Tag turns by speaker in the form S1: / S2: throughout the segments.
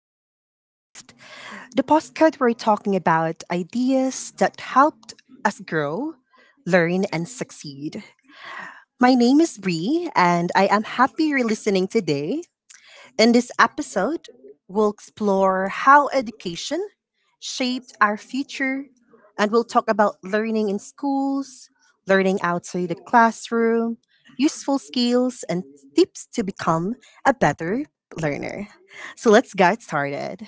S1: Learning for Life, the postcard where we're talking about ideas that helped us grow, learn, and succeed. My name is Bree, and I am happy you're listening today in this episode, we'll explore how education shaped our future and we'll talk about learning in schools, learning outside the classroom, useful skills, and tips to become a better learner. So let's get started.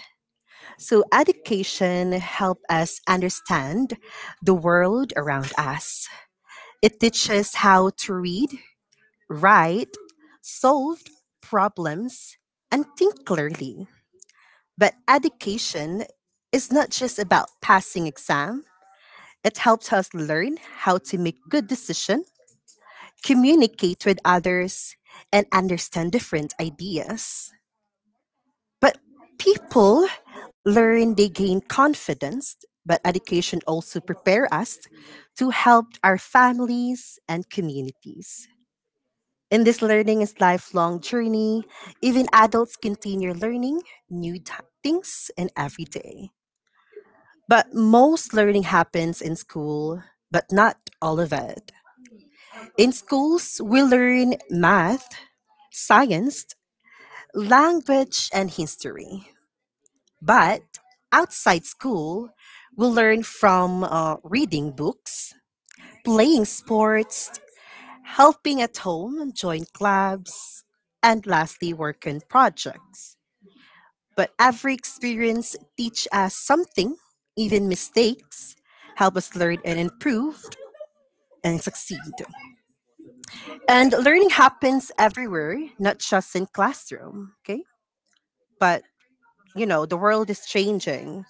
S1: So, education helps us understand the world around us, it teaches how to read, write, solve problems, and think clearly. But education is not just about passing exam. It helps us learn how to make good decisions, communicate with others, and understand different ideas. But people learn they gain confidence, but education also prepare us to help our families and communities. In this learning is lifelong journey. Even adults continue learning new t- things in every day. But most learning happens in school, but not all of it. In schools, we learn math, science, language, and history. But outside school, we learn from reading books, playing sports, helping at home, join clubs, and lastly, work on projects. But every experience teach us something, even mistakes, help us learn and improve, and succeed. And learning happens everywhere, not just in classroom, okay? But you know, the world is changing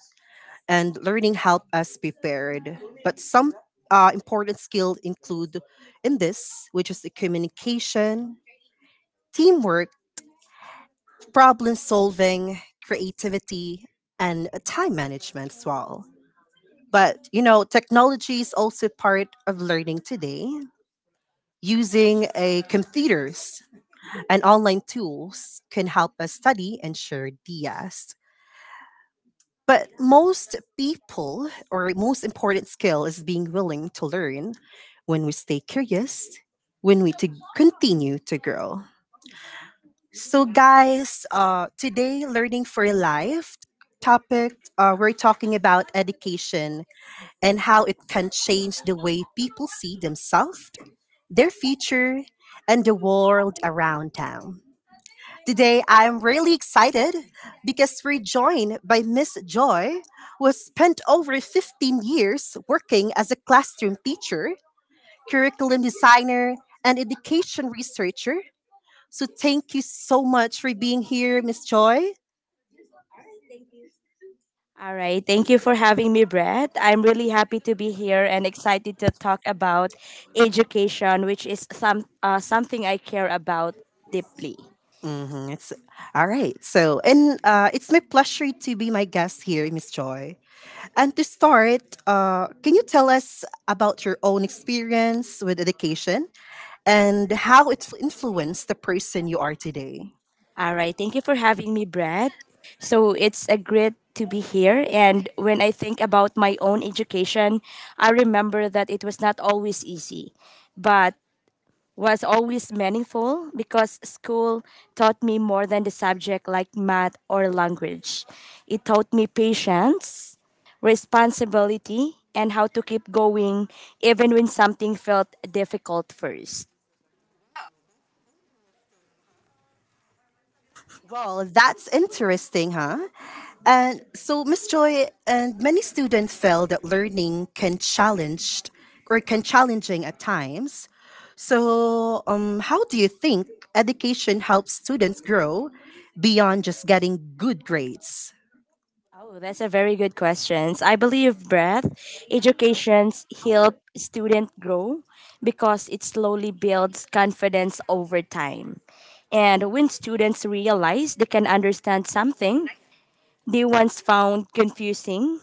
S1: and learning help us prepared. But some important skills include in this, which is the communication, teamwork, problem solving, creativity, and time management as well. But you know, technology is also part of learning today. Using a computers and online tools can help us study and share ideas. But most people, or most important skill, is being willing to learn when we stay curious, when we to continue to grow. So, guys, today, Learning for Life topic, we're talking about education and how it can change the way people see themselves, their future, and the world around them. Today, I'm really excited because we're joined by Miss Joy, who has spent over 15 years working as a classroom teacher, curriculum designer, and education researcher. So, thank you so much for being here, Miss Joy.
S2: All right. Thank you for having me, Brett. I'm really happy to be here and excited to talk about education, which is something I care about deeply.
S1: It's all right. So, and it's my pleasure to be my guest here, Miss Joy. And to start, can you tell us about your own experience with education? And how it influenced the person you are today.
S2: All right. Thank you for having me, Brett. So it's a great to be here. And when I think about my own education, I remember that it was not always easy, but was always meaningful because school taught me more than the subject like math or language. It taught me patience, responsibility, and how to keep going even when something felt difficult first.
S1: Well, that's interesting, huh? And so, Miss Joy, and many students feel that learning can challenge or can challenging at times. So, how do you think education helps students grow beyond just getting good grades?
S2: Oh, that's a very good question. I believe breath educations help student grow because it slowly builds confidence over time. And when students realize they can understand something, they once found confusing.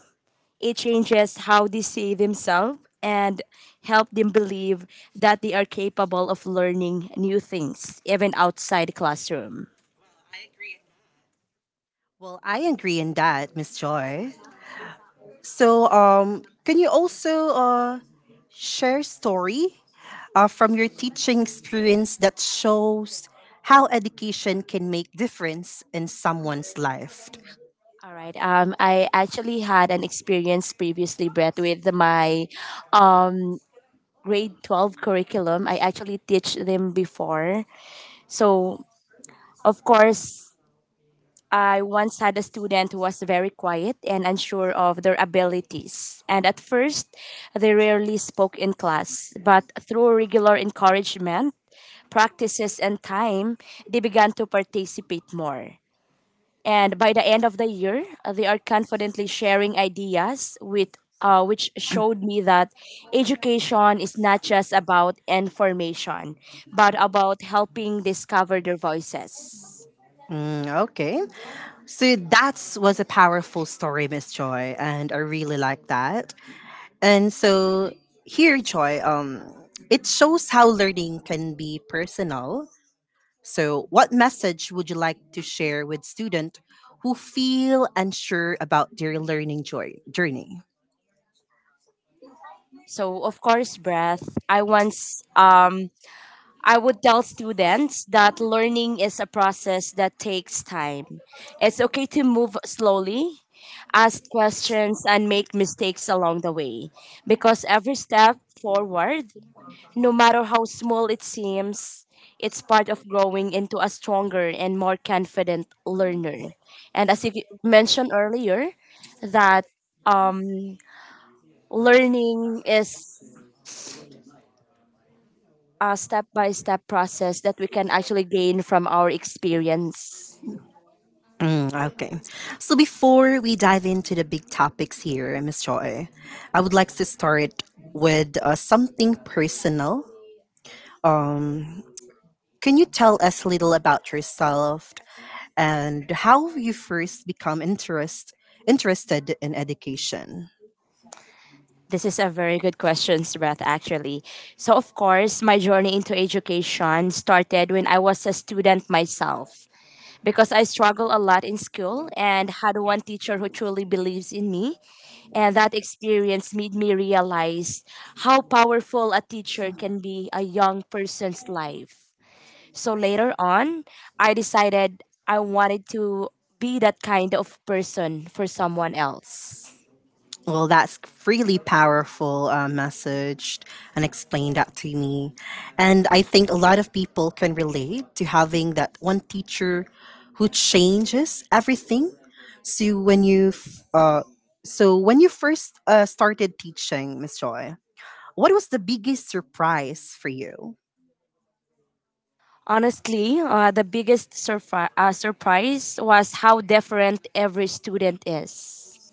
S2: It changes how they see themselves and help them believe that they are capable of learning new things, even outside the classroom.
S1: Well, I agree in that, Miss Joy. So, can you also share story from your teaching experience that shows how education can make difference in someone's life?
S2: All right. I actually had an experience previously, Brett, with my um grade 12 curriculum. I actually teach them before, so of course I once had a student who was very quiet and unsure of their abilities. And at first, they rarely spoke in class, but through regular encouragement, practices, and time, they began to participate more. And by the end of the year, they are confidently sharing ideas with which showed me that education is not just about information, but about helping discover their voices.
S1: Mm, okay. So that was a powerful story, Miss Joy, and I really like that. And so here, Joy, it shows how learning can be personal. So, what message would you like to share with students who feel unsure about their journey?
S2: So of course, breath. I once um I would tell students that learning is a process that takes time. It's okay to move slowly, ask questions and make mistakes along the way because every step forward, no matter how small it seems, it's part of growing into a stronger and more confident learner. And as you mentioned earlier, that um learning is a step by step process that we can actually gain from our experience.
S1: Mm, okay. So, before we dive into the big topics here, Miss Joy, I would like to start with something personal. Um, can you tell us a little about yourself and how you first interested in education?
S2: This is a very good question, Beth, actually. So, of course, my journey into education started when I was a student myself because I struggled a lot in school and had one teacher who truly believes in me. And that experience made me realize how powerful a teacher can be a young person's life. So later on, I decided I wanted to be that kind of person for someone else.
S1: Well, that's really powerful message and explain that to me. And I think a lot of people can relate to having that one teacher who changes everything. So so when you first started teaching, Miss Joy, what was the biggest surprise for you?
S2: Honestly, the biggest surprise was how different every student is,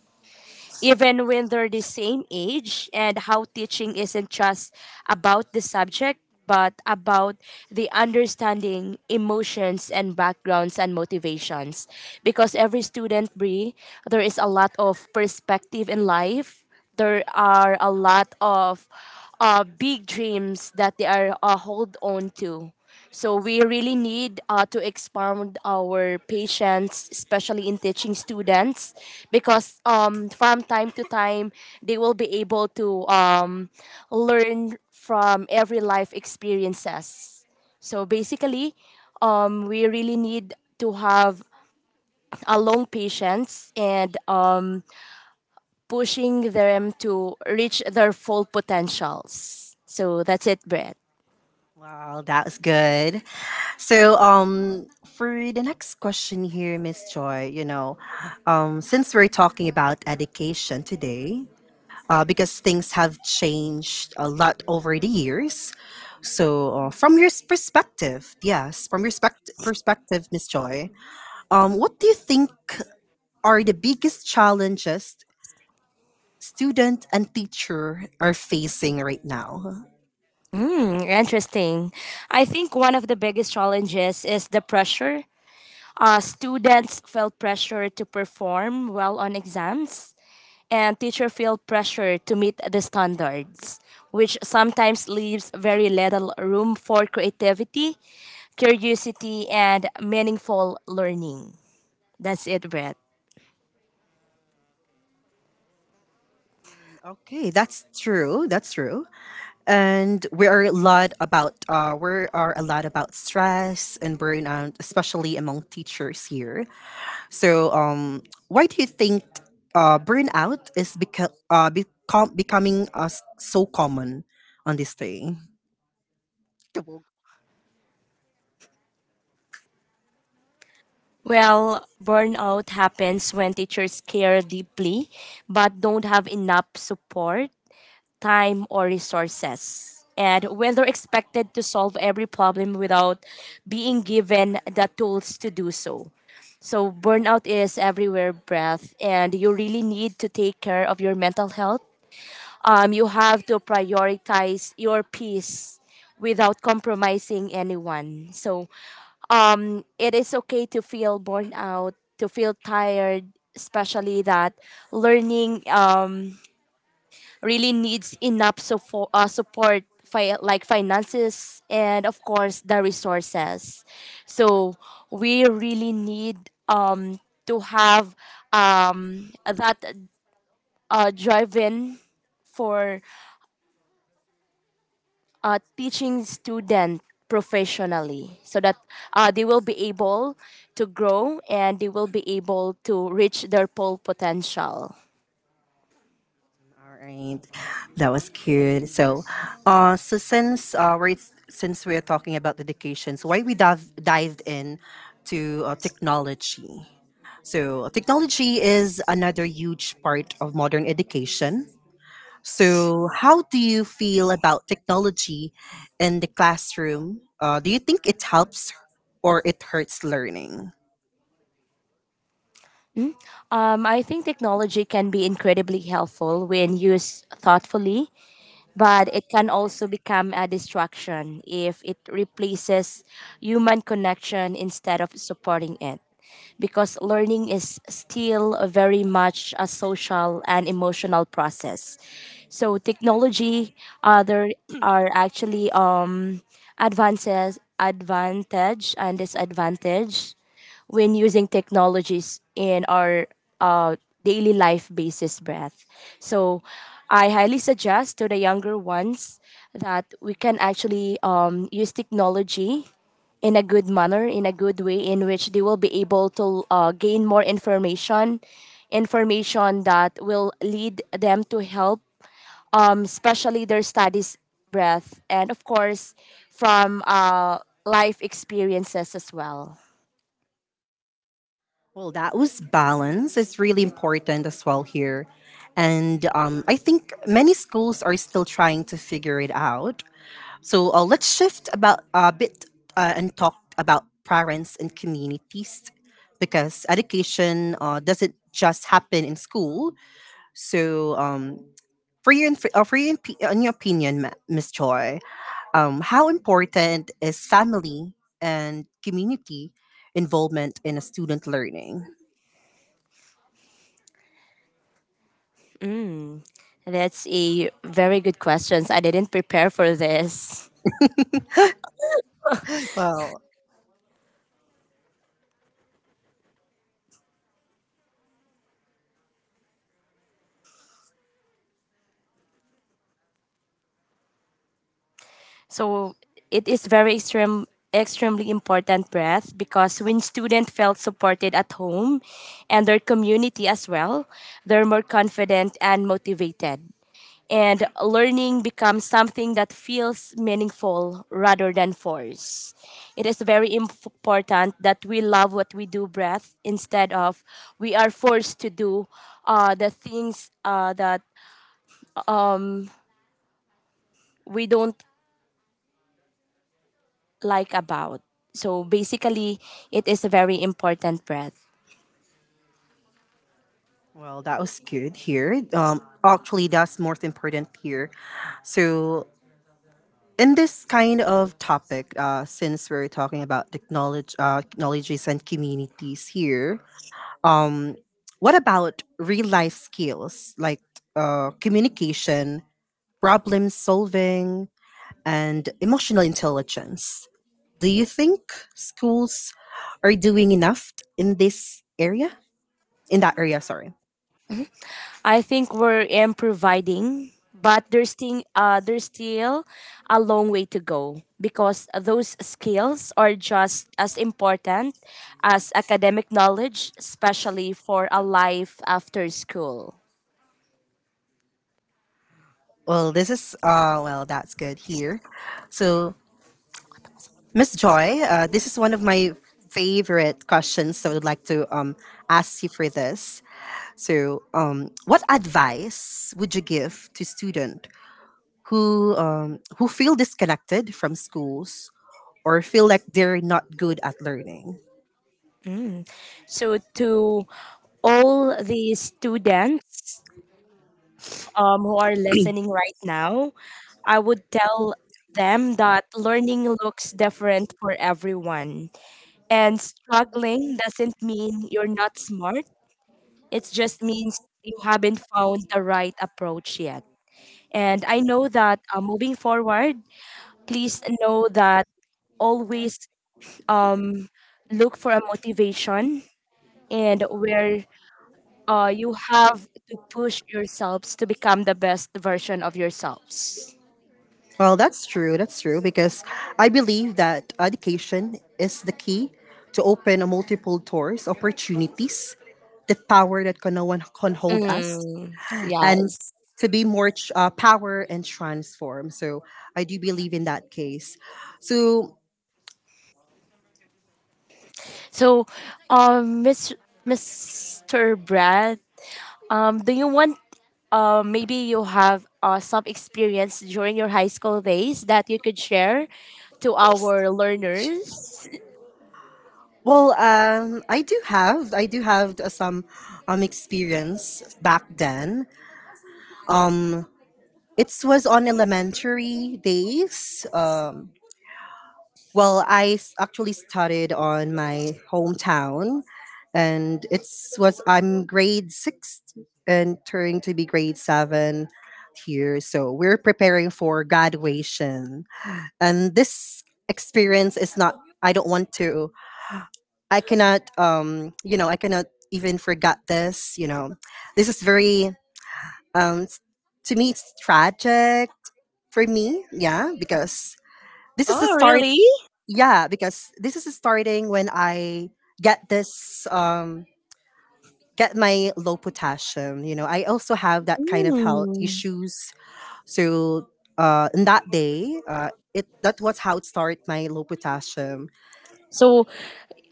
S2: even when they're the same age, and how teaching isn't just about the subject, but about the understanding emotions and backgrounds and motivations. Because every student, Brie, there is a lot of perspective in life, there are a lot of big dreams that they are hold on to. So we really need to expand our patience, especially in teaching students, because from time to time they will be able to learn from every life experiences. So basically, we really need to have a long patience and pushing them to reach their full potentials. So that's it, Brett.
S1: Wow, that was good. So, for the next question here, Miss Joy, you know, since we're talking about education today, because things have changed a lot over the years. So, from your perspective, Miss Joy, what do you think are the biggest challenges student and teacher are facing right now?
S2: Mm, interesting. I think one of the biggest challenges is the pressure. Students feel pressure to perform well on exams, and teacher feel pressure to meet the standards, which sometimes leaves very little room for creativity, curiosity, and meaningful learning. That's it, Brett.
S1: Okay, that's true. That's true. And we're a lot about stress and burnout, especially among teachers here. So, why do you think burnout is becoming so common on this day?
S2: Well, burnout happens when teachers care deeply but don't have enough support time, or resources, and when they're expected to solve every problem without being given the tools to do so. So, burnout is everywhere, breath, and you really need to take care of your mental health. You have to prioritize your peace without compromising anyone. So, it is okay to feel burnt out, to feel tired, especially that learning. Really needs enough support, like finances and of course the resources. So we really need um, to have that drive-in for teaching student professionally so that they will be able to grow and they will be able to reach their full potential.
S1: All right, that was cute. So, uh, so since uh, we're since we're talking about dedication, so why we dived in to technology? So, technology is another huge part of modern education. So, how do you feel about technology in the classroom? Do you think it helps or it hurts learning?
S2: I think technology can be incredibly helpful when used thoughtfully but it can also become a distraction if it replaces human connection instead of supporting it. Because learning is still very much a social and emotional process. So technology, there are actually advantage and disadvantage when using technologies in our uh, daily life basis breath. So I highly suggest to the younger ones that we can actually use technology in a good manner, in a good way, in which they will be able to gain more information, information that will lead them to help, especially their studies breath, and of course, from life experiences as well.
S1: Well, that was balance is really important as well here. And I think many schools are still trying to figure it out. So let's shift about a bit and talk about parents and communities because education doesn't just happen in school. So, for your inf- for your, imp- in your opinion, Miss Choi, how important is family and community involvement in a student learning?
S2: That's a very good questions. I didn't prepare for this.
S1: Well,
S2: So it is very extreme extremely important breath because when students felt supported at home and their community as well, they're more confident and motivated. And learning becomes something that feels meaningful rather than force. It is very important that we love what we do breath instead of we are forced to do the things that we don't like about. So basically, it is a very important breath.
S1: well, that was good here. Actually, that's most important here. So, in this kind of topic, since we're talking about technology, technologies and communities here, um, what about real life skills like communication, problem solving, and emotional intelligence? Do you think schools are doing enough in this area? In that area, sorry.
S2: I think we're improving, but there's still a long way to go because those skills are just as important as academic knowledge, especially for a life after school.
S1: Well, this is well, that's good here. So, Miss Joy, this is one of my favorite questions. So, I would like to ask you for this. So, what advice would you give to student who feel disconnected from schools or feel like they're not good at learning?
S2: So to all the students who are listening right now, I would tell them that learning looks different for everyone. And struggling doesn't mean you're not smart, it just means you haven't found the right approach yet. And I know that moving forward, please know that always look for a motivation and where you have to push yourselves to become the best version of yourselves.
S1: Well, that's true. That's true because I believe that education is the key to open a multiple doors, opportunities, the power that can no one can hold us,
S2: Mm,
S1: and
S2: yes.
S1: to be more power and transform. So I do believe in that case. So
S2: So, Miss Mr. Brad, do you want, maybe you have some experience during your high school days that you could share to our learners?
S1: well, I do have I do have some experience back then. Um, it was on elementary days. Actually studied on my hometown, and it's was I'm grade six and turning to be grade seven here. So we're preparing for graduation, and this experience is not. I don't want to. I cannot. You know, I cannot even forget this. You know, this is very. Um, s- to me, it's tragic for me. Yeah, because this is the
S2: Oh,
S1: story.
S2: really?
S1: Yeah, because this is starting when I get this get my low potassium, you know, I also have that kind of health
S2: Mm.
S1: issues. So in that day it that was how it started my low potassium.
S2: So,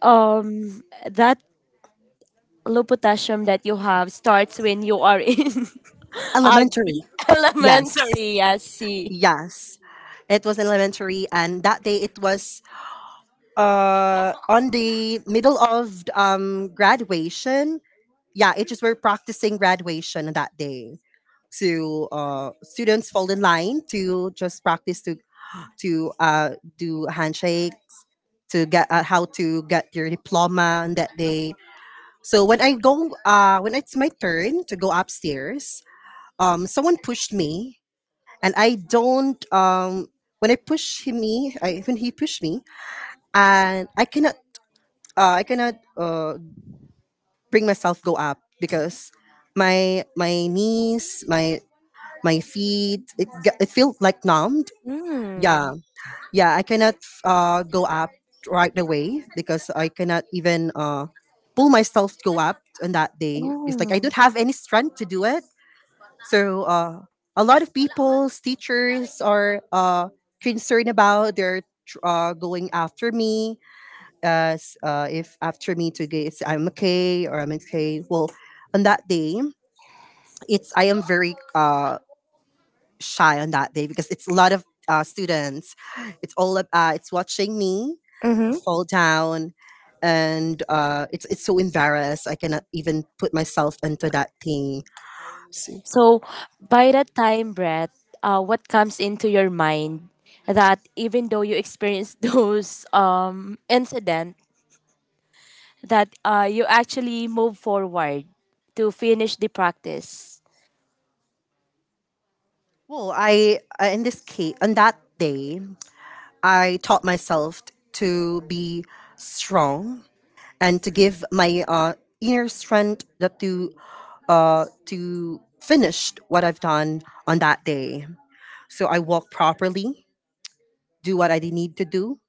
S2: um, that low potassium that you have starts when you are in uh,
S1: Elementary. Yes.
S2: elementary. I see.
S1: Yes, it was elementary, and that day it was on the middle of graduation. Yeah, it just we're practicing graduation on that day. So students fall in line to just practice to do handshake to get how to get your diploma on that day. So when I go, when it's my turn to go upstairs, someone pushed me, and I don't. When I push him, me, I, when he pushed me, and I cannot, uh, I cannot uh, bring myself go up because my knees, my feet it, it felt like numbed. Yeah.
S2: Mm.
S1: Yeah, I cannot go up right away because I cannot even pull myself to go up on that day. It's like I
S2: Oh.
S1: don't have any strength to do it. So a lot of people's teachers are concerned about their going after me as if after me to get I'm okay or I'm okay. Well, on that day, it's I am very shy on that day because it's a lot of students. It's watching me fall down, and it's so embarrassed. I cannot even put myself into that thing. So,
S2: So by that time, Brett, what comes into your mind that even though you experienced those incident, that you actually move forward to finish the practice.
S1: well, I in this case on that day, I taught myself to be strong and to give my inner strength that to finish what I've done on that day. So I walk properly, do what I need to do,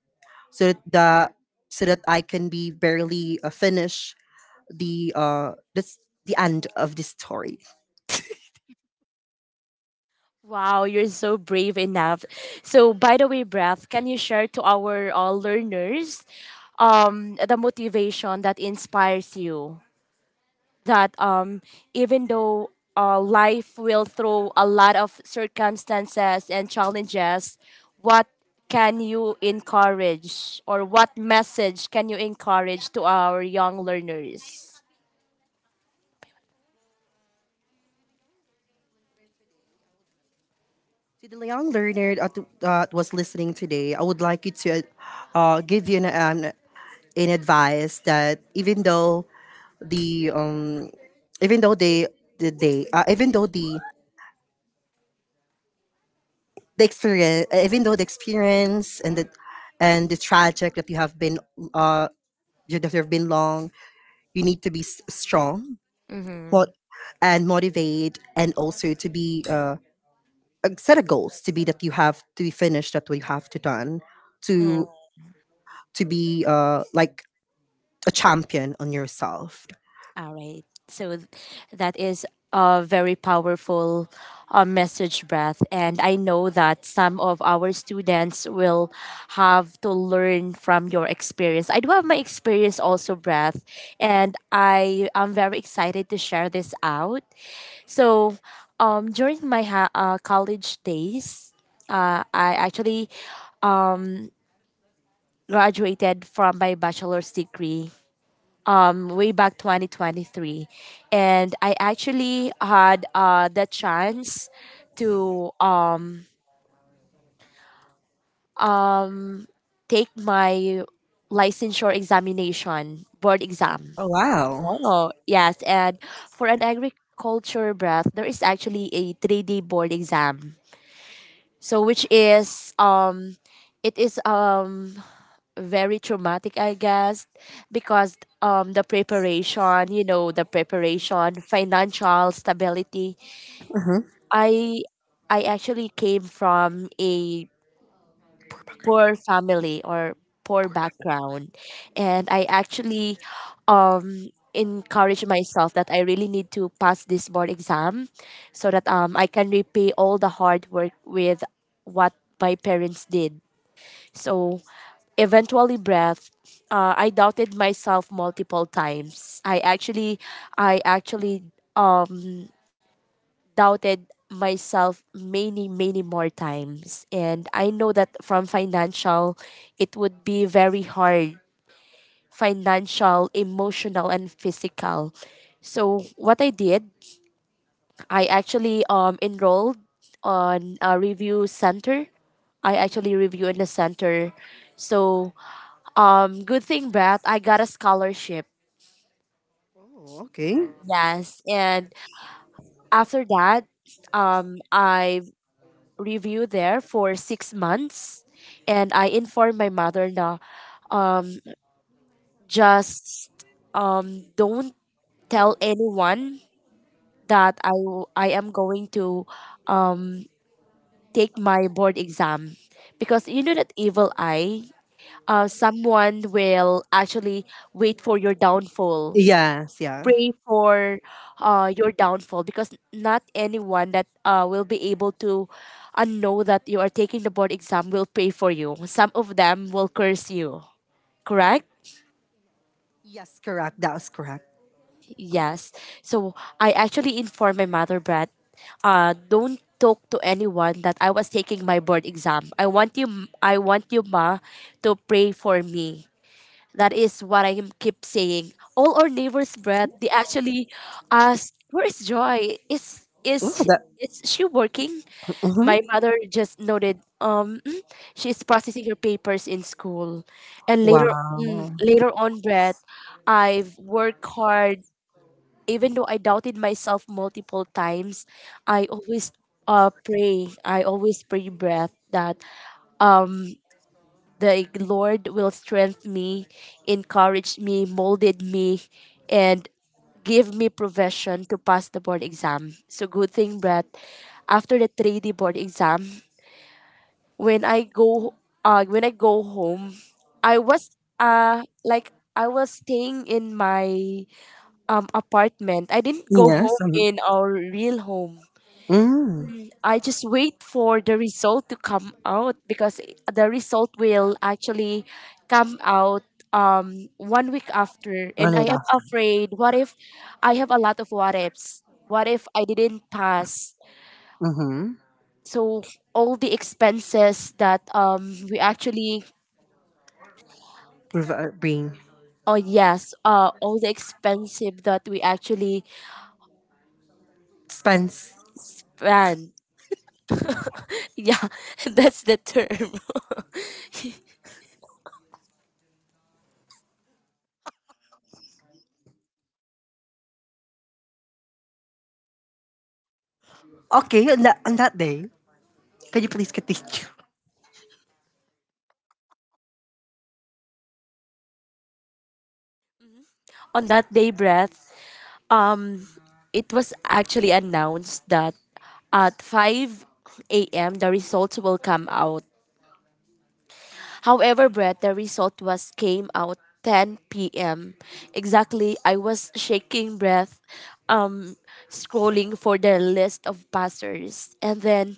S1: so that the so that I can be barely finish the uh this the end of the story.
S2: Wow, you're so brave enough. So by the way, Brett, can you share to our learners the motivation that inspires you that even though life will throw a lot of circumstances and challenges, what can you encourage or what message can you encourage to our young learners?
S1: To the young learner that that was listening today, I would like you to give you an advice that even though the even though they the they even though the experience and the tragic that you have been uh that you have been long. You need to be strong mo- and motivate, and also to be set a goals to be that you have to be finished that we have to done to to be like a champion on yourself.
S2: All right. So th- that is a very powerful message breath. And I know that some of our students will have to learn from your experience. I do have my experience also, breath, and I am very excited to share this out. So, college days, I actually graduated from my bachelor's degree way back 2023 and I actually had the chance to take my licensure examination board exam.
S1: Oh wow!
S2: Oh yes, and for an agriculture breath there is actually a 3-day board exam, so which is it is very traumatic I guess because the preparation, you know, the preparation, financial stability.
S1: Mhm.
S2: I I actually came from a poor family or poor background, and I actually encouraged myself that I really need to pass this board exam so that I can repay all the hard work with what my parents did. So eventually breath, uh, i doubted myself multiple times i actually I actually um, doubted myself many more times, and I know that from financial it would be very hard, financial, emotional and physical. So what I did, I actually enrolled on a review center. I actually review in the center. So good thing that I got a scholarship.
S1: Oh, okay.
S2: Yes, and after that I review there for 6 months, and I informed my mother na, um, just don't tell anyone that I am going to um, take my board exam because you know that evil eye. Someone will actually wait for your downfall,
S1: Yes, yeah.
S2: pray for your downfall, because not anyone that will be able to know that you are taking the board exam will pray for you. Some of them will curse you, correct?
S1: Yes, correct. That was correct.
S2: Yes. So I actually informed my mother, Brad, don't talk to anyone that I was taking my board exam. I want you, ma, to pray for me. That is what I keep saying. All our neighbors, Brett, they actually asked, "Where is Joy? Is
S1: Oh,
S2: is
S1: that.
S2: is she working?"
S1: Mhm.
S2: My mother just noted, she's processing her papers in school." And later,
S1: Wow.
S2: later on, Brett, I've worked hard. Even though I doubted myself multiple times, I always pray. I always pray, Brett, that um the Lord will strengthen me, encourage me, molded me, and give me provision to pass the board exam. So good thing, Brett. After the 3D board exam, when I go, when I go home, I was uh like I was staying in my apartment. I didn't go
S1: Yes.
S2: home
S1: Mhm.
S2: in our real home.
S1: Mm.
S2: I just wait for the result to come out because the result will actually come out 1 week after,
S1: Oh
S2: and
S1: my
S2: I am
S1: gosh.
S2: afraid what if— I have a lot of what ifs. What if I didn't pass? So all the expenses that we actually
S1: Mm-hmm. Bring
S2: oh, yes, all the expensive that we actually
S1: expense.
S2: planned. Yeah, that's the term.
S1: On that day, can you please continue?
S2: On that day, breath, Um, it was actually announced that at 5 a.m. the results will come out. However, Brett, the result was came out 10 p.m. Exactly, I was shaking, breath, um, scrolling for the list of passers, and then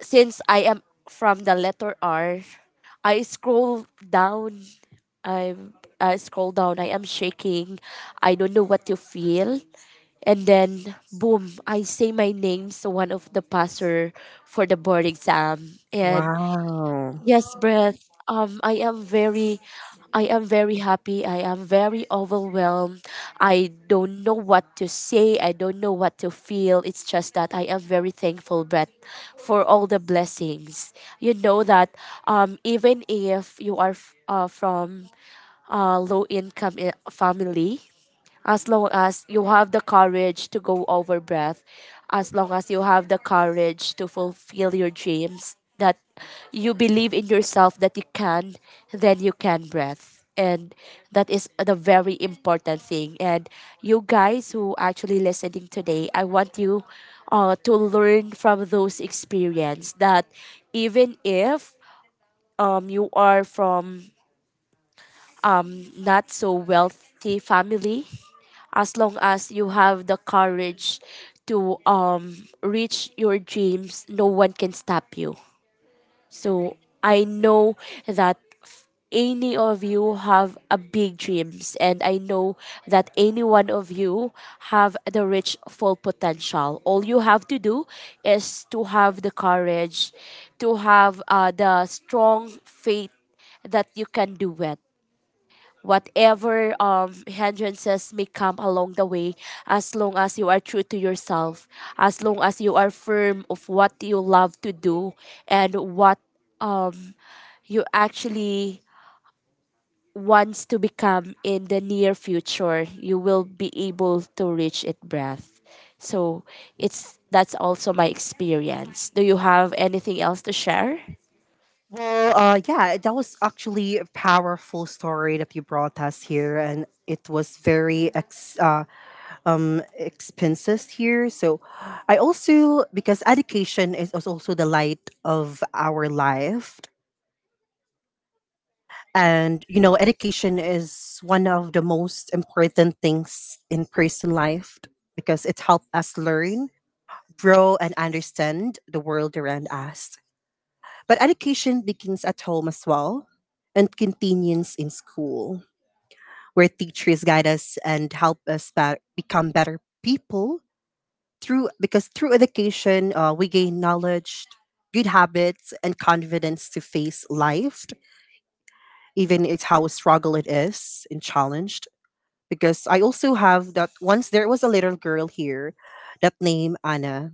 S2: since I am from the letter R, I scroll down. I I scroll down. I am shaking. I don't know what to feel. And then, boom, I say my name, so one of the passer for the board exam. And
S1: Wow.
S2: yes, breath. I am very happy. I am very overwhelmed. I don't know what to say. I don't know what to feel. It's just that I am very thankful, breath, for all the blessings. You know that, even if you are from a low income family, as long as you have the courage to go over, breath, as long as you have the courage to fulfill your dreams, that you believe in yourself that you can, then you can, breath. And that is the very important thing. And you guys who actually listening today, I want you to learn from those experience that even if you are from not so wealthy family, as long as you have the courage to reach your dreams, no one can stop you. So I know that any of you have a big dreams, and I know that any one of you have the rich full potential. All you have to do is to have the courage, to have the strong faith that you can do it, whatever hindrances may come along the way. As long as you are true to yourself, as long as you are firm of what you love to do, and what um you actually wants to become in the near future, you will be able to reach it, breath. So it's— that's also my experience. Do you have anything else to share?
S1: Well, yeah, that was actually a powerful story that you brought us here, and it was very ex expenses here. So, I also because education is also the light of our life, and you know, education is one of the most important things in person life because it helps us learn, grow, and understand the world around us. But education begins at home as well and continues in school, where teachers guide us and help us become better people through education we gain knowledge, good habits, and confidence to face life, even it's how struggle it is and challenged. Because I also have that once there was a little girl here that named Anna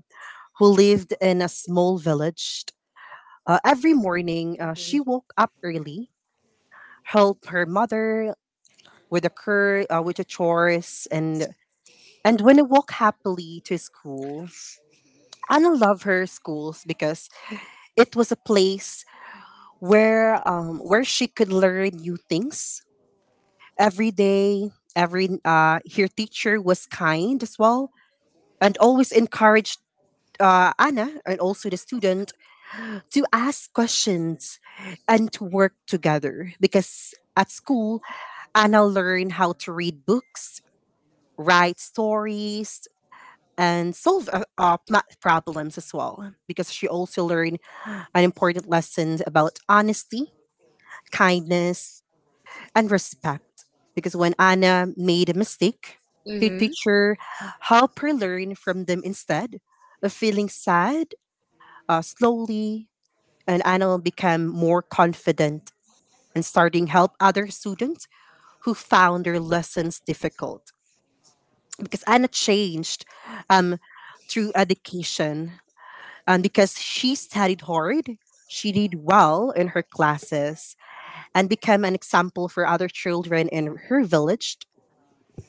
S1: who lived in a small village. Every morning, she woke up early help her mother with the cur with the chores and when I walk happily to school. Anna loved her schools because it was a place where she could learn new things every day. Every her teacher was kind as well and always encouraged Anna and also the student to ask questions and to work together because at school Anna learned how to read books, write stories, and solve math problems as well. Because she also learned an important lesson about honesty, kindness, and respect. Because when Anna made a mistake, her
S2: Mhm.
S1: teacher helped her learn from them instead of feeling sad slowly. And Anna will become more confident and starting help other students who found their lessons difficult. Because Anna changed um, through education, because she studied hard. She did well in her classes and became an example for other children in her village.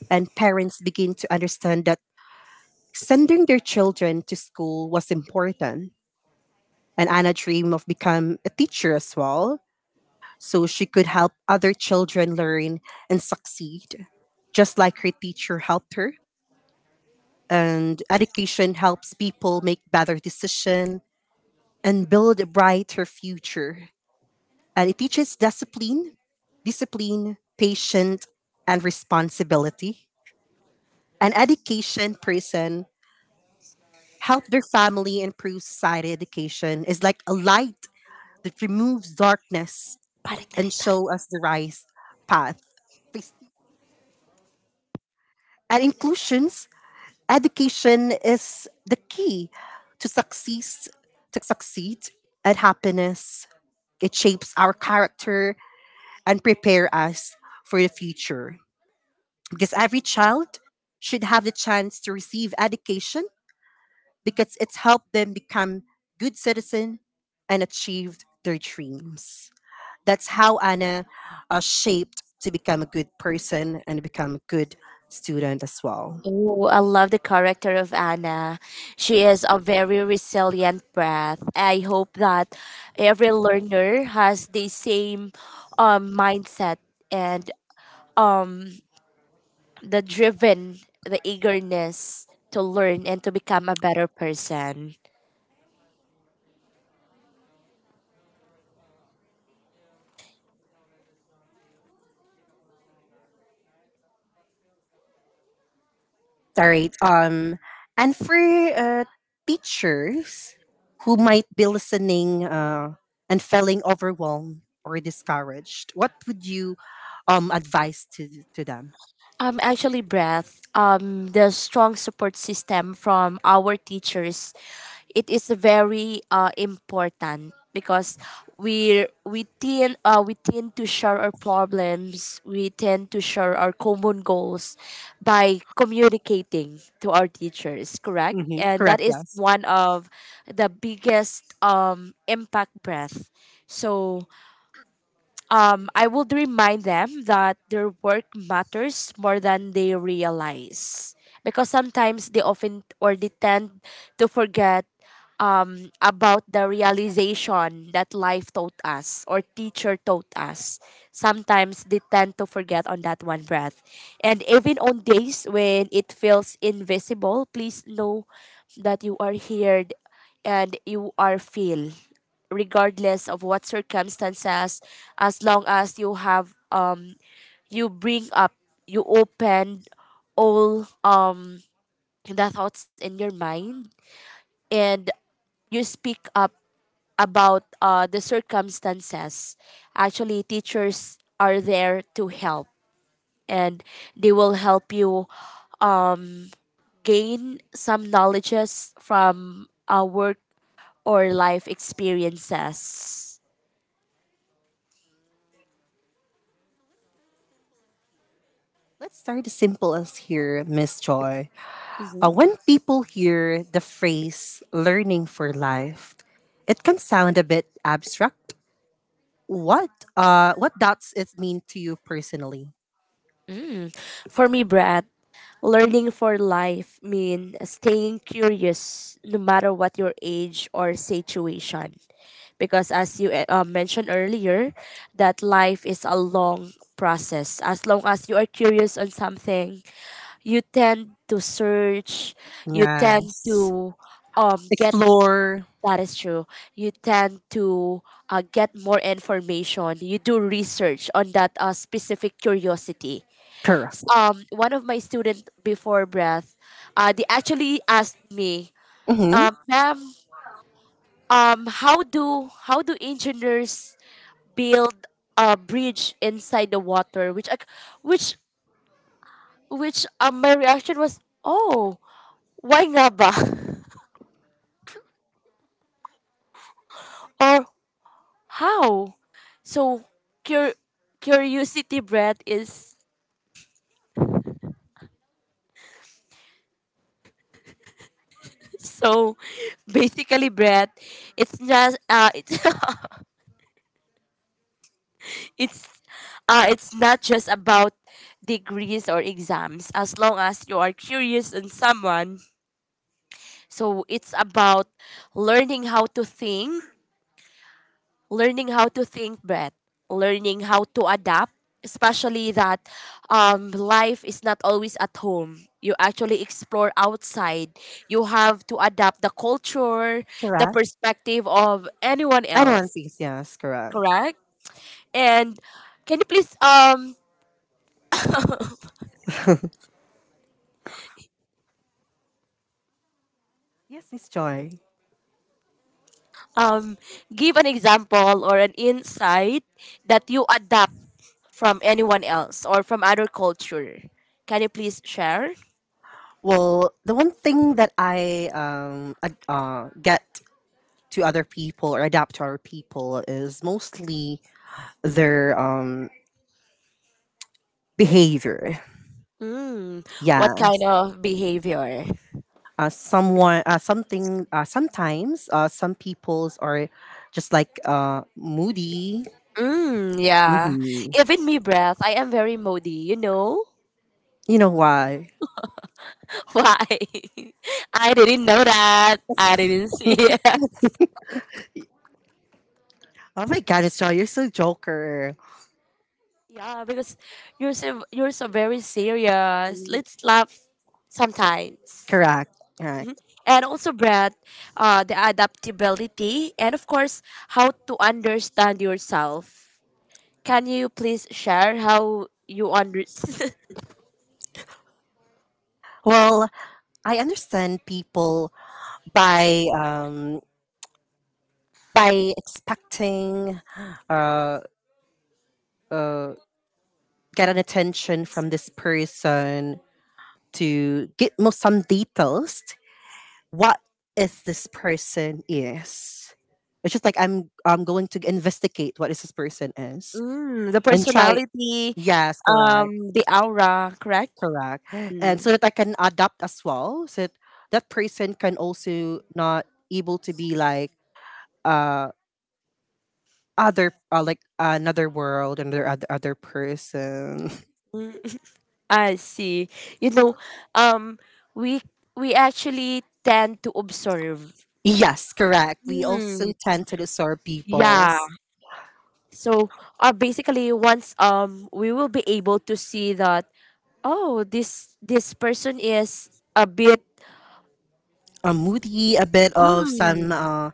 S1: And parents begin to understand that sending their children to school was important. And Anna dreamed of becoming a teacher as well, so she could help other children learn and succeed, just like her teacher helped her, and education helps people make better decisions and build a brighter future. And it teaches discipline, patience, and responsibility. An education person help their family improve society. Education is like a light that removes darkness and show us the right path. And inclusions, education is the key to success, to succeed at happiness. It shapes our character and prepare us for the future. Because every child should have the chance to receive education because it's helped them become good citizen and achieved their dreams. That's how Anna shaped to become a good person and become a good student as well.
S2: Oh, I love the character of Anna. She is a very resilient, breath. I hope that every learner has the same mindset and um, the driven, the eagerness to learn and to become a better person.
S1: All right. And for teachers who might be listening and feeling overwhelmed or discouraged, what would you advise to them?
S2: Actually, breath. The strong support system from our teachers, it is very important because we tend to share our problems. We tend to share our common goals by communicating to our teachers. Correct,
S1: Hmm.
S2: and
S1: Correct.
S2: that is
S1: Yes.
S2: one of the biggest impact, breath. So I would remind them that their work matters more than they realize. Because sometimes they often or they tend to forget about the realization that life taught us or teacher taught us. Sometimes they tend to forget on that one, breath. And even on days when it feels invisible, please know that you are heard and you are feel regardless of what circumstances. As long as you have you bring up, you open all the thoughts in your mind, and you speak up about the circumstances. Actually, teachers are there to help, and they will help you gain some knowledges from work or life experiences.
S1: Let's start as simple as here, Miss Joy. When people hear the phrase "learning for life," it can sound a bit abstract. What does it mean to you personally?
S2: Mm. For me, Brad, learning for life means staying curious no matter what your age or situation. Because as you mentioned earlier that life is a long process, as long as you are curious on something, you tend to search, you tend
S1: Yes.
S2: to get—
S1: Explore.
S2: that is true, you tend to get more information, you do research on that specific curiosity. One of my student before, breath, they actually asked me,
S1: Mm-hmm.
S2: ma'am, how do engineers build a bridge inside the water, which I, which which my reaction was, oh, why nga ba? Or how? So cur- curiosity, bread, is so. Basically, bread, it's— it's— it's not just about degrees or exams. As long as you are curious on someone, so it's about learning how to think, learning how to think, Brett, learning how to adapt, especially that life is not always at home. You actually explore outside. You have to adapt the culture, the
S1: Correct.
S2: perspective of anyone
S1: I know One
S2: else,
S1: Piece. Yes, correct.
S2: correct? And can you please
S1: Yes, Miss Joy.
S2: um, give an example or an insight that you adapt from anyone else or from other culture? Can you please share?
S1: Well, the one thing that I get to other people or adapt to other people is mostly their behavior.
S2: Mm,
S1: Yeah.
S2: what kind of behavior?
S1: Someone. Something. Sometimes. Some people's are just like moody.
S2: Mm, yeah.
S1: Mm-hmm.
S2: Even me, breath. I am very moody, you know?
S1: You know why?
S2: Why? I didn't know that. I didn't see it.
S1: Oh my God, Miss Joy, you're so joker.
S2: Yeah, because you're so very serious. Let's laugh sometimes.
S1: Correct. Correct.
S2: And also, Brad, the adaptability and, of course, how to understand yourself. Can you please share how you understand?
S1: Well, I understand people by um, by expecting uh, uh, get an attention from this person to get more some details. What is this person is? It's just like I'm going to investigate what is this person is
S2: Mm, the
S1: and try.
S2: personality.
S1: Yes, correct,
S2: The aura, correct?
S1: correct,
S2: Mm,
S1: and so that I can adapt as well. So that, that person can also not able to be like uh other like another world another other person.
S2: I see. You know, um, we we actually tend to observe.
S1: Yes, correct, we
S2: Mm,
S1: also tend to disturb
S2: yeah.
S1: people's
S2: So, basically, once we will be able to see that. Oh, this person is a bit.
S1: a moody a bit of some
S2: Mm,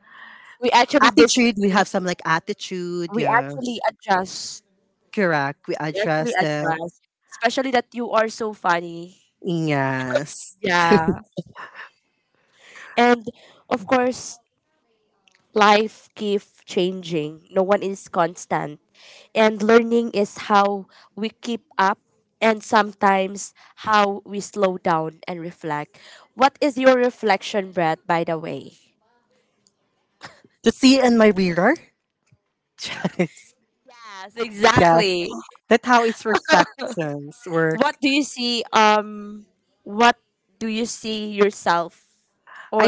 S2: we actually this
S1: attitude, we have some like attitude,
S2: we
S1: yeah,
S2: actually adjust.
S1: correct, we
S2: We actually
S1: address them,
S2: adjust, especially that you are so funny.
S1: yes,
S2: Yeah. And of course, life keeps changing. No one is constant. And learning is how we keep up, and sometimes how we slow down and reflect. What is your reflection, Brad, by the way?
S1: to see in my mirror. Yes.
S2: Yes,
S1: Yes,
S2: exactly.
S1: that's how it's reflections where
S2: What do you see what do you see yourself,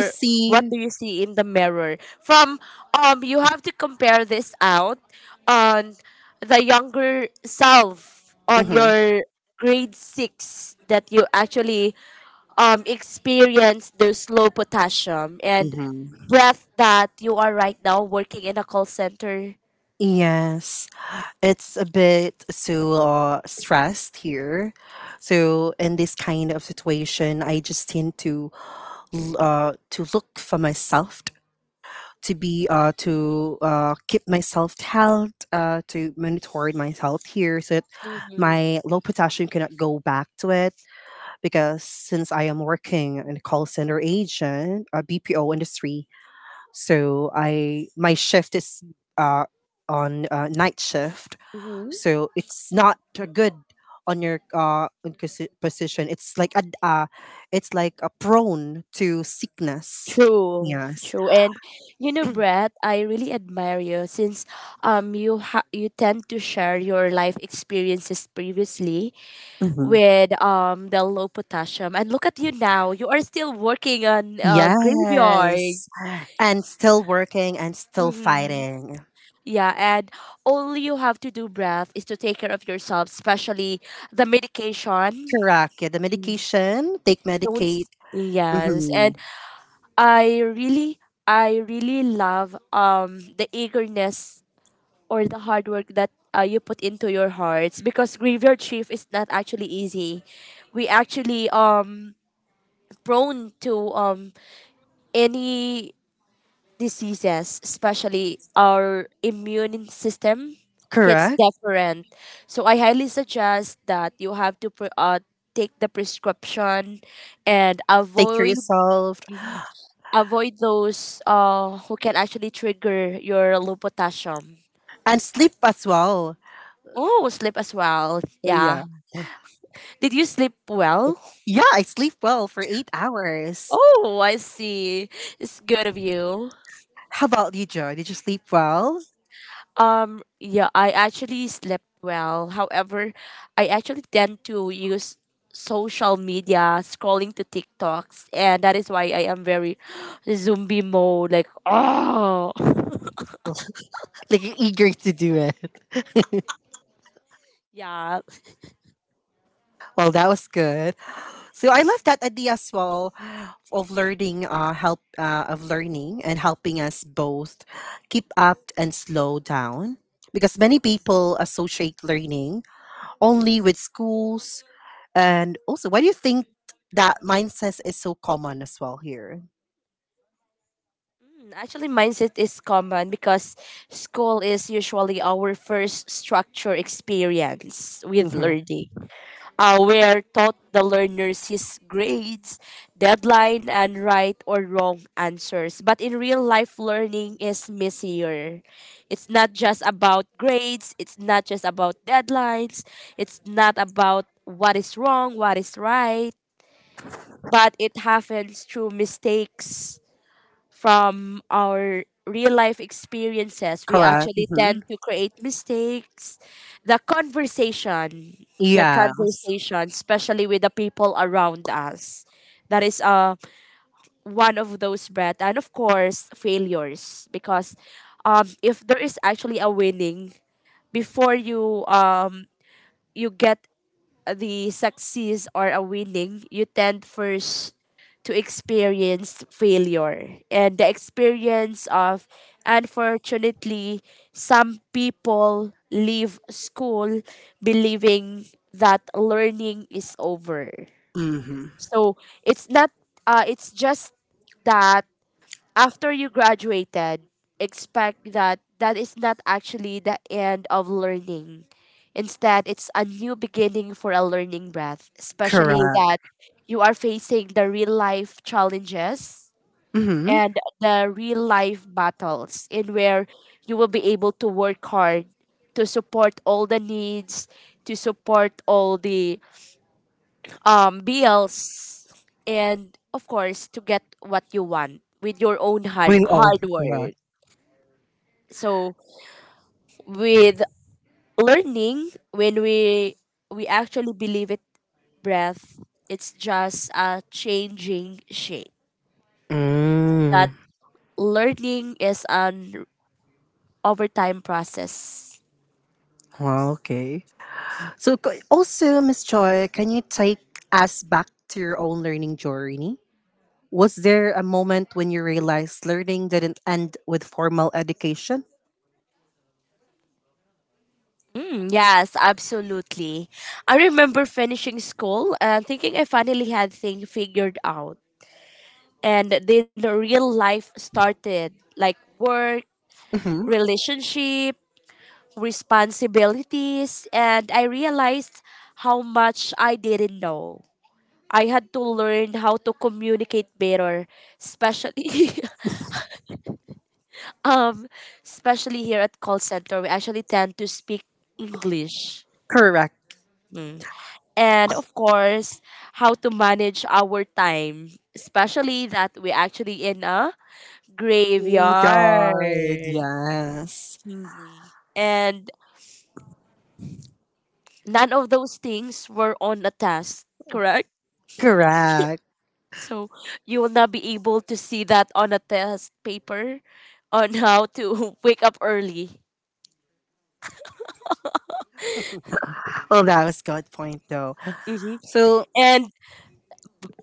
S1: I
S2: what
S1: see.
S2: do you see in the mirror from— you have to compare this out on the younger self, on
S1: Hmm.
S2: your grade 6, that you actually experience those low potassium and,
S1: Hmm.
S2: breath, that you are right now working in a call center.
S1: Yes, it's a bit so stressed here. So in this kind of situation, I just tend to to look for myself to be to keep myself held to monitor myself here so that
S2: Mhm.
S1: my low potassium cannot go back to it because since I am working in a call center agent, a BPO industry, so I my shift is uh, on night shift, so it's not a good on your position, it's like a prone to sickness.
S2: True,
S1: Yes.
S2: true, and you know, Brett, I really admire you since you tend to share your life experiences previously,
S1: Hmm.
S2: with the low potassium. And look at you now, you are still working on graveyard.
S1: Yes, and still working and still
S2: Hmm.
S1: fighting.
S2: Yeah, and all you have to do, breath, is to take care of yourself, especially the medication.
S1: Correct, yeah, the
S2: Mm.
S1: medication, take
S2: Don't.
S1: medicate.
S2: S- Yes, and
S1: Hmm.
S2: I really, I really love the eagerness or the hard work that you put into your hearts, because graveyard shift is not actually easy. We actually prone to any diseases, especially our immune system gets
S1: Correct,
S2: different. So I highly suggest that you have to take the prescription and
S1: take care yourself
S2: avoid those who can actually trigger your low potassium.
S1: and sleep as well.
S2: Oh, sleep as well. Yeah.
S1: Yeah.
S2: Did you sleep well?
S1: Yeah, I sleep well for eight hours.
S2: Oh, I see. It's good of you.
S1: How about you, Joe? Did you sleep well?
S2: Yeah, I actually slept well. However, I actually tend to use social media, scrolling to TikToks, and that is why I am very zombie mode. Like, oh,
S1: Like you're eager to do it.
S2: yeah.
S1: Well, that was good. So I love that idea as well of learning and helping us both keep up and slow down. Because many people associate learning only with schools, and also, why do you think that mindset is so common as well here?
S2: Mm, actually, mindset is common because school is usually our first structure experience with
S1: Hmm.
S2: learning. Where taught the learners his grades, deadline, and right or wrong answers. But in real life, learning is messier. It's not just about grades, it's not just about deadlines, it's not about what is wrong, what is right, but it happens through mistakes. From our real life experiences, we
S1: Correct.
S2: actually
S1: Hmm.
S2: tend to create mistakes. The conversation, the
S1: Yes.
S2: conversation, especially with the people around us, that is one of those, breath. And of course, failures, because if there is actually a winning before you you get the success or a winning, you tend first to experience failure. And the experience of, unfortunately, some people leave school believing that learning is over.
S1: Hmm.
S2: So it's not, it's just that after you graduated, expect that that is not actually the end of learning. Instead, it's a new beginning for a learning, breath, especially
S1: Correct.
S2: that you are facing the real life challenges
S1: Hmm.
S2: and the real life battles in where you will be able to work hard to support all the needs, to support all the bills, and of course, to get what you want with your own
S1: We all
S2: hard work.
S1: correct.
S2: So with learning, when we actually believe it, breath, it's just a changing shape.
S1: Mm.
S2: That learning is an overtime process.
S1: Wow, okay. Also, Miss Choi, can you take us back to your own learning journey? Was there a moment when you realized learning didn't end with formal education?
S2: Mm, yes, absolutely. I remember finishing school and thinking I finally had things figured out. And then real life started, like work,
S1: Hmm.
S2: relationship, responsibilities, and I realized how much I didn't know. I had to learn how to communicate better, especially um especially here at call center, we actually tend to speak English.
S1: Correct.
S2: Mm. And of course, how to manage our time, especially that we actually in a graveyard
S1: Yard, yes.
S2: TV. And none of those things were on a test, correct?
S1: Correct.
S2: So you will not be able to see that on a test paper on how to wake up early.
S1: Well, that was good point, though.
S2: Mm-hmm.
S1: So,
S2: And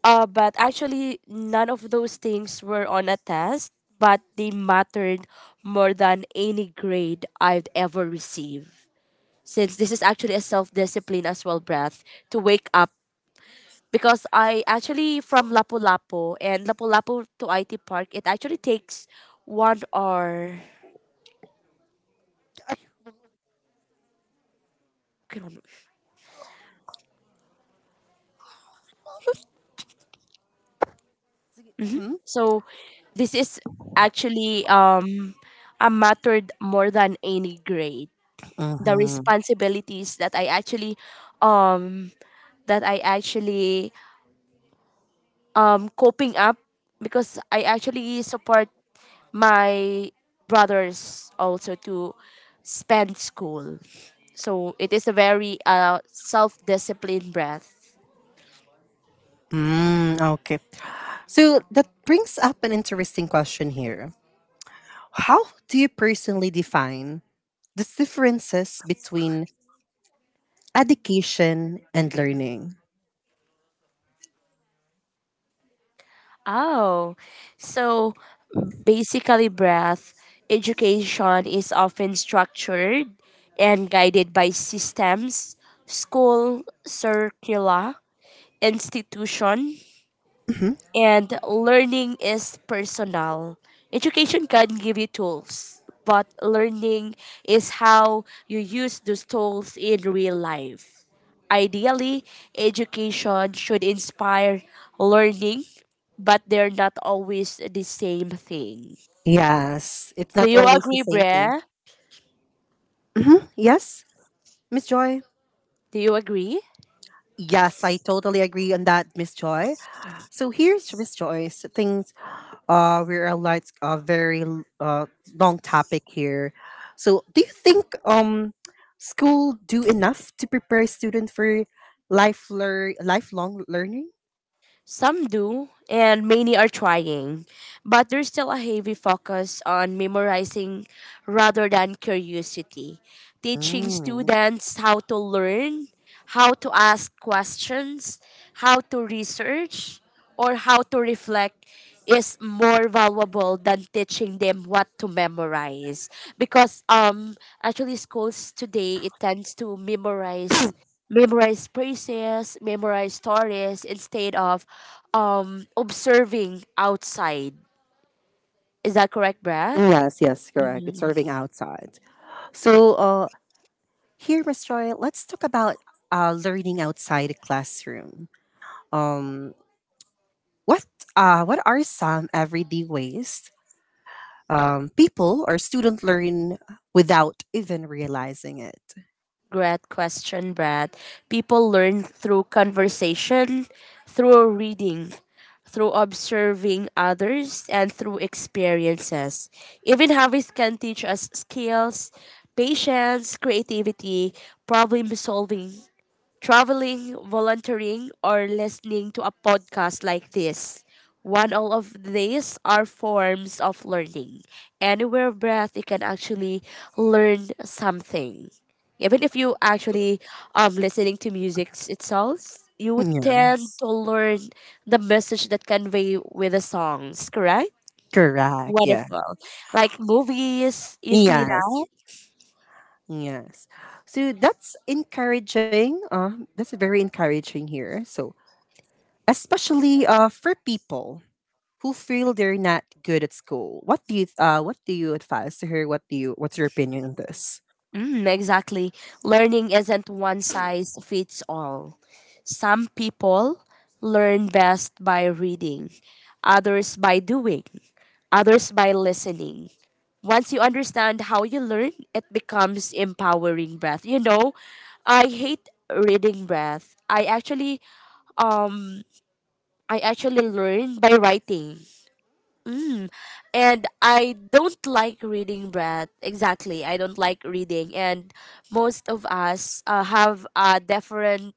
S2: but actually, none of those things were on a test, but they mattered more than any grade I've ever received. Since this is actually a self discipline as well, breath to wake up because I actually from Lapu-Lapu and Lapu-Lapu to IT Park, it actually takes 1 hour. Kilometers.
S1: hmm.
S2: So this is actually a mattered more than any grade. The
S1: Hmm.
S2: responsibilities that I actually coping up because I actually support my brothers also to spend school. So it is a very self-disciplined breath.
S1: Mm, okay. So, that brings up an interesting question here. How do you personally define the differences between education and learning?
S2: Oh, so basically, breath education is often structured and guided by systems, school, circular, institution,
S1: Mhm.
S2: and learning is personal. Education can give you tools, but learning is how you use those tools in real life. Ideally, education should inspire learning, but they're not always the same thing.
S1: Yes, it's
S2: Do
S1: not
S2: you
S1: always the
S2: agree,
S1: same thing.
S2: Brea?
S1: Mhm. Yes, Miss Joy.
S2: Do you agree?
S1: Yes, I totally agree on that, Miss Joy. So here's Miss Joy's things. We're a lot very l- Long topic here. So do you think school do enough to prepare student for lifelong learning?
S2: Some do, and many are trying, but there's still a heavy focus on memorizing rather than curiosity. Teaching
S1: Mm.
S2: students how to learn, how to ask questions, how to research, or how to reflect is more valuable than teaching them what to memorize because actually schools today it tends to memorize phrases, memorize stories instead of observing outside. Is that correct, Brad?
S1: Yes, yes, correct. It's serving outside. So, uh, Here, Miss Joy, let's talk about learning outside the classroom. Um, what what are some everyday ways people or student learn without even realizing it?
S2: Great question, Brad. People learn through conversation, through reading, through observing others, and through experiences. Even habits can teach us skills, patience, creativity, problem solving, traveling, volunteering, or listening to a podcast like this. One all of these are forms of learning. Anywhere breath you can actually learn something. Even if you actually listening to music itself, you would tend
S1: Yes,
S2: to learn the message that convey with the songs, correct?
S1: correct. Yeah,
S2: Wonderful. Like movies, you see
S1: yes,
S2: that?
S1: yes. So that's encouraging. That's very encouraging here. So especially for people who feel they're not good at school. What do you advise to her? What's your opinion on this?
S2: Mm, exactly. Learning isn't one size fits all. Some people learn best by reading, others by doing, others by listening. Once you understand how you learn, it becomes empowering breath. I hate reading breath. I actually learn by writing. And I don't like reading Brad. Exactly, I don't like reading, and most of us have a different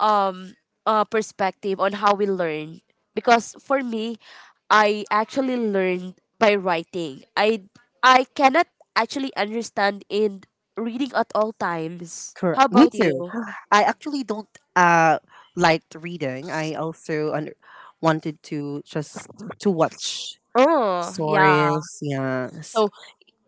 S2: um perspective on how we learn. Because for me, I actually learned by writing. I cannot actually understand in reading at all times.
S1: Correct.
S2: How
S1: Me
S2: about
S1: too.
S2: you?
S1: I actually don't uh liked reading. I also wanted to just to watch
S2: Oh yeah.
S1: stories. Yes.
S2: So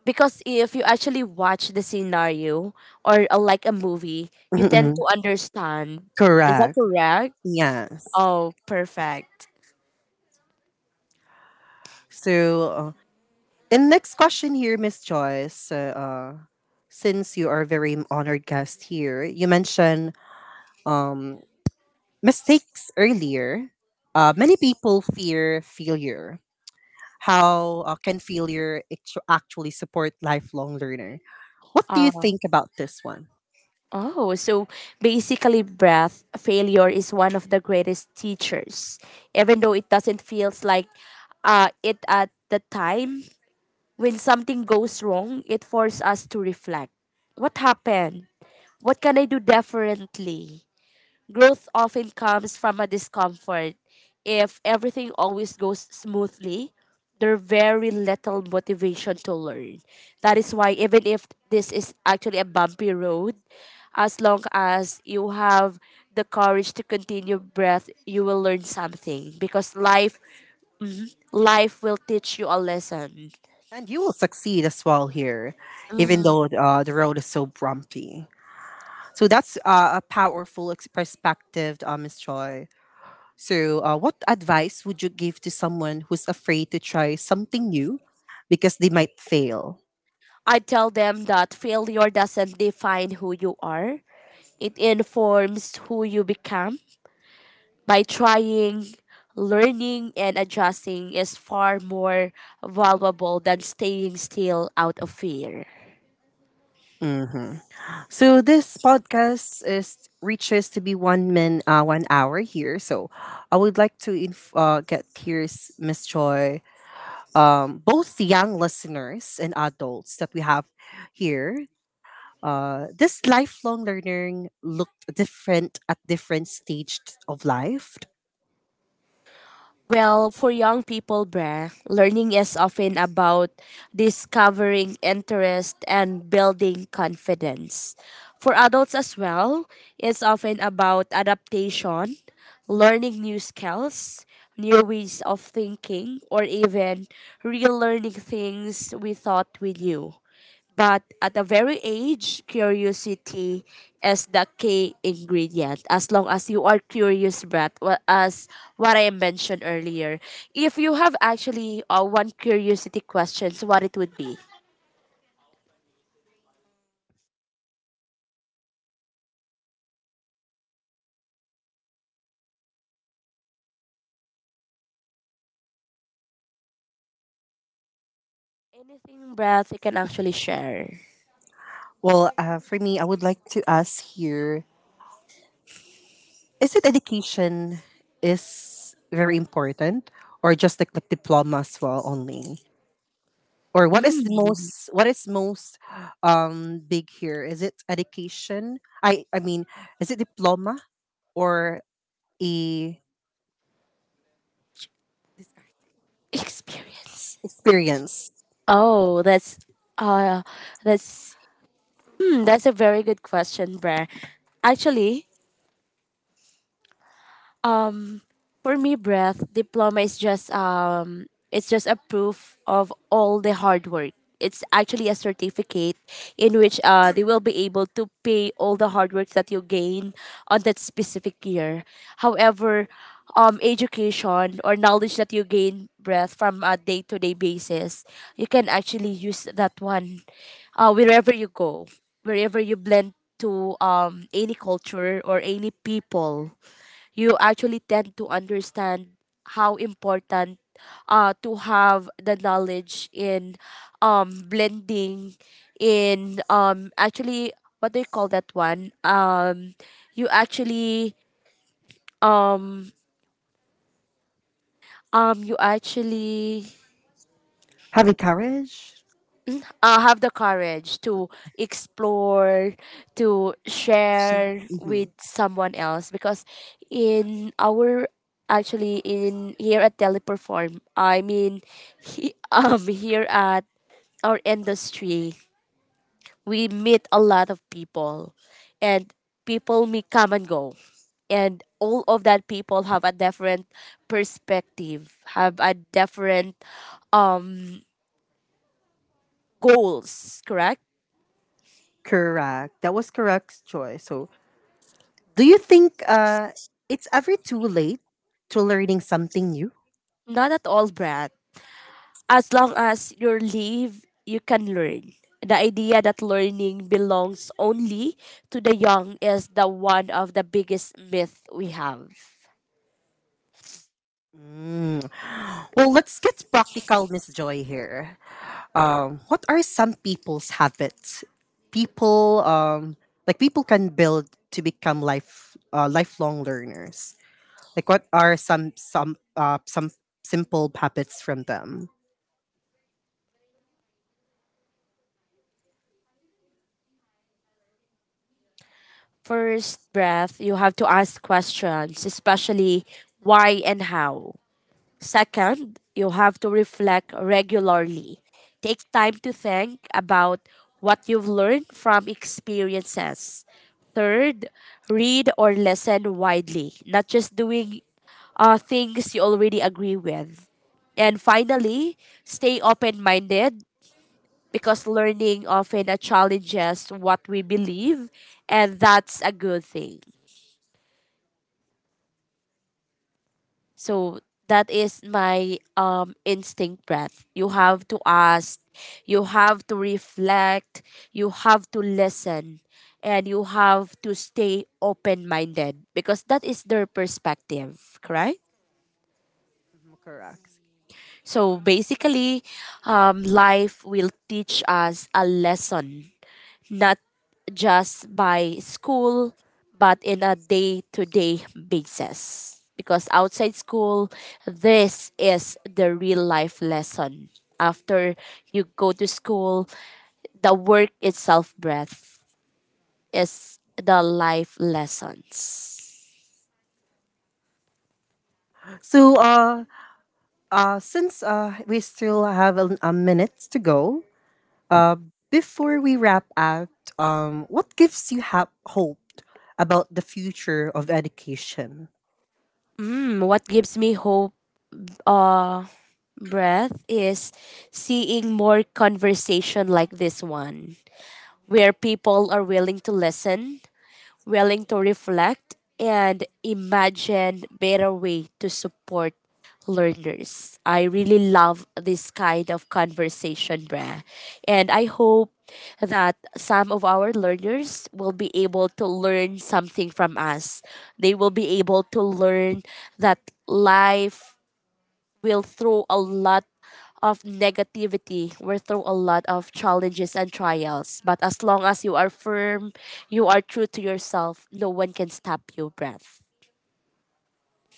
S2: because if you actually watch the scenario or like a movie, you tend
S1: Mm-mm.
S2: to understand. Is that
S1: Correct.
S2: correct?
S1: Yes.
S2: Oh, perfect.
S1: So, uh, and next question here, Miss Joyce. Since you are a very honored guest here, you mentioned um mistakes earlier. Many people fear failure, how can failure actually support lifelong learner? What do you
S2: Uh,
S1: think about this one?
S2: oh, so basically, breath failure is one of the greatest teachers, even though it doesn't feels like it at the time. When something goes wrong, it forces us to reflect. What happened? What can I do differently? Growth often comes from a discomfort. If everything always goes smoothly, there's very little motivation to learn. That is why, even if this is actually a bumpy road, as long as you have the courage to continue breath, you will learn something because life will teach you a lesson.
S1: And you will succeed as well here, even though the road is so bumpy. So that's a powerful perspective, Miss Joy. So, what advice would you give to someone who's afraid to try something new because they might fail?
S2: I tell them that failure doesn't define who you are. It informs who you become. By trying, learning, and adjusting is far more valuable than staying still out of fear.
S1: Mm-hmm. So this podcast is reaches to be one hour here. So I would like to get here's Miss Joy, both the young listeners and adults that we have here, this lifelong learning looked different at different stages of life.
S2: Well, for young people, bruh, learning is often about discovering interest and building confidence. For adults as well, it's often about adaptation, learning new skills, new ways of thinking, or even relearning things we thought we knew. But at a very age, curiosity is the key ingredient. As long as you are curious, Brad, as what I mentioned earlier, if you have actually one curiosity questions, what it would be? Anything, Brad, you can actually share.
S1: Well, for me, I would like to ask here: Is it education is very important, or just like diploma as well only? Or what is the
S2: Mm,
S1: most, what is most big here, is it education, I mean, is it diploma or a
S2: experience.
S1: experience,
S2: Oh, uh, that's that's a very good question, Brad. Actually, for me, breath diploma is just it's just a proof of all the hard work. It's actually a certificate in which they will be able to pay all the hard work that you gain on that specific year. However, education or knowledge that you gain breath from a day to day basis, you can actually use that one wherever you go, wherever you blend to any culture or any people, you actually tend to understand how important to have the knowledge in blending in actually, what do you call that one, you actually um, you actually
S1: having courage.
S2: have the courage to explore, to share
S1: Hmm.
S2: with someone else. Because in our, actually in here at Teleperform, I mean, he, here at our industry, we meet a lot of people, and people may come and go, and all of that people have a different perspective, have a different um goals, correct?
S1: Correct, that was correct choice. So do you think it's ever too late to learning something new?
S2: Not at all, Brad. As long as you live, you can learn. The idea that learning belongs only to the young is the one of the biggest myth we have.
S1: Mm. Well, let's get practical, Miss Joy here. What are some people's habits, people like people can build to become lifelong learners, like what are some simple habits from them?
S2: First breath, you have to ask questions, especially why and how. Second, you have to reflect regularly. Take time to think about what you've learned from experiences. Third, read or listen widely, not just doing things you already agree with. And finally, stay open minded because learning often challenges what we believe, and that's a good thing. So that is my instinct breath. You have to ask, you have to reflect, you have to listen, and you have to stay open minded because that is their perspective, correct?
S1: Mhm, correct.
S2: So basically, life will teach us a lesson not just by school, but in a day to day basis. Because outside school, this is the real life lesson. After you go to school, the work itself breath is the life lessons.
S1: So uh, uh, since uh, we still have a minute to go, uh, before we wrap up, what gives you hope about the future of education?
S2: Mm, what gives me hope uh breath is seeing more conversation like this one where people are willing to listen, willing to reflect and imagine better way to support learners. I really love this kind of conversation, Bra. And I hope that some of our learners will be able to learn something from us. They will be able to learn that life will throw a lot of negativity, will throw a lot of challenges and trials. But as long as you are firm, you are true to yourself, no one can stop you, breath.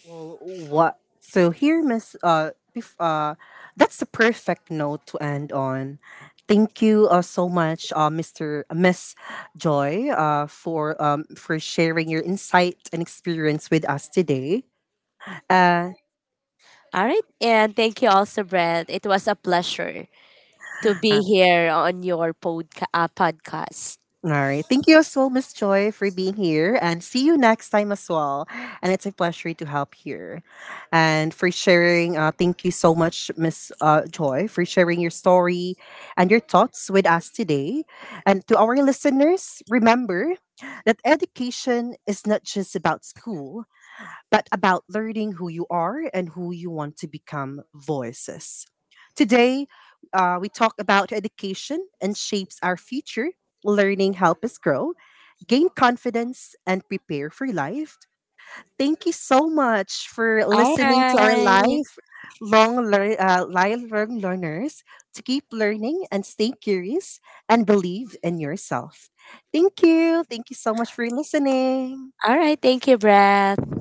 S1: Well, what? So here, Miss. Bef- uh, that's a perfect note to end on. Thank you so much, uh, Mr. Miss Joy, for sharing your insight and experience with us today. Uh,
S2: All right. And thank you also, Brad. It was a pleasure to be here on your podcast.
S1: All right. Thank you as well, Miss Joy, for being here. And see you next time as well. And it's a pleasure to help here. And for sharing, thank you so much, Miss Joy, for sharing your story and your thoughts with us today. And to our listeners, remember that education is not just about school but about learning who you are and who you want to become voices. Today, we talk about education and shapes our future. Learning help us grow, gain confidence, and prepare for life. Thank you so much for
S2: All
S1: listening to our
S2: right.
S1: live learn learners to keep learning and stay curious and believe in yourself. Thank you. Thank you so much for listening.
S2: All right. Thank you, Brad.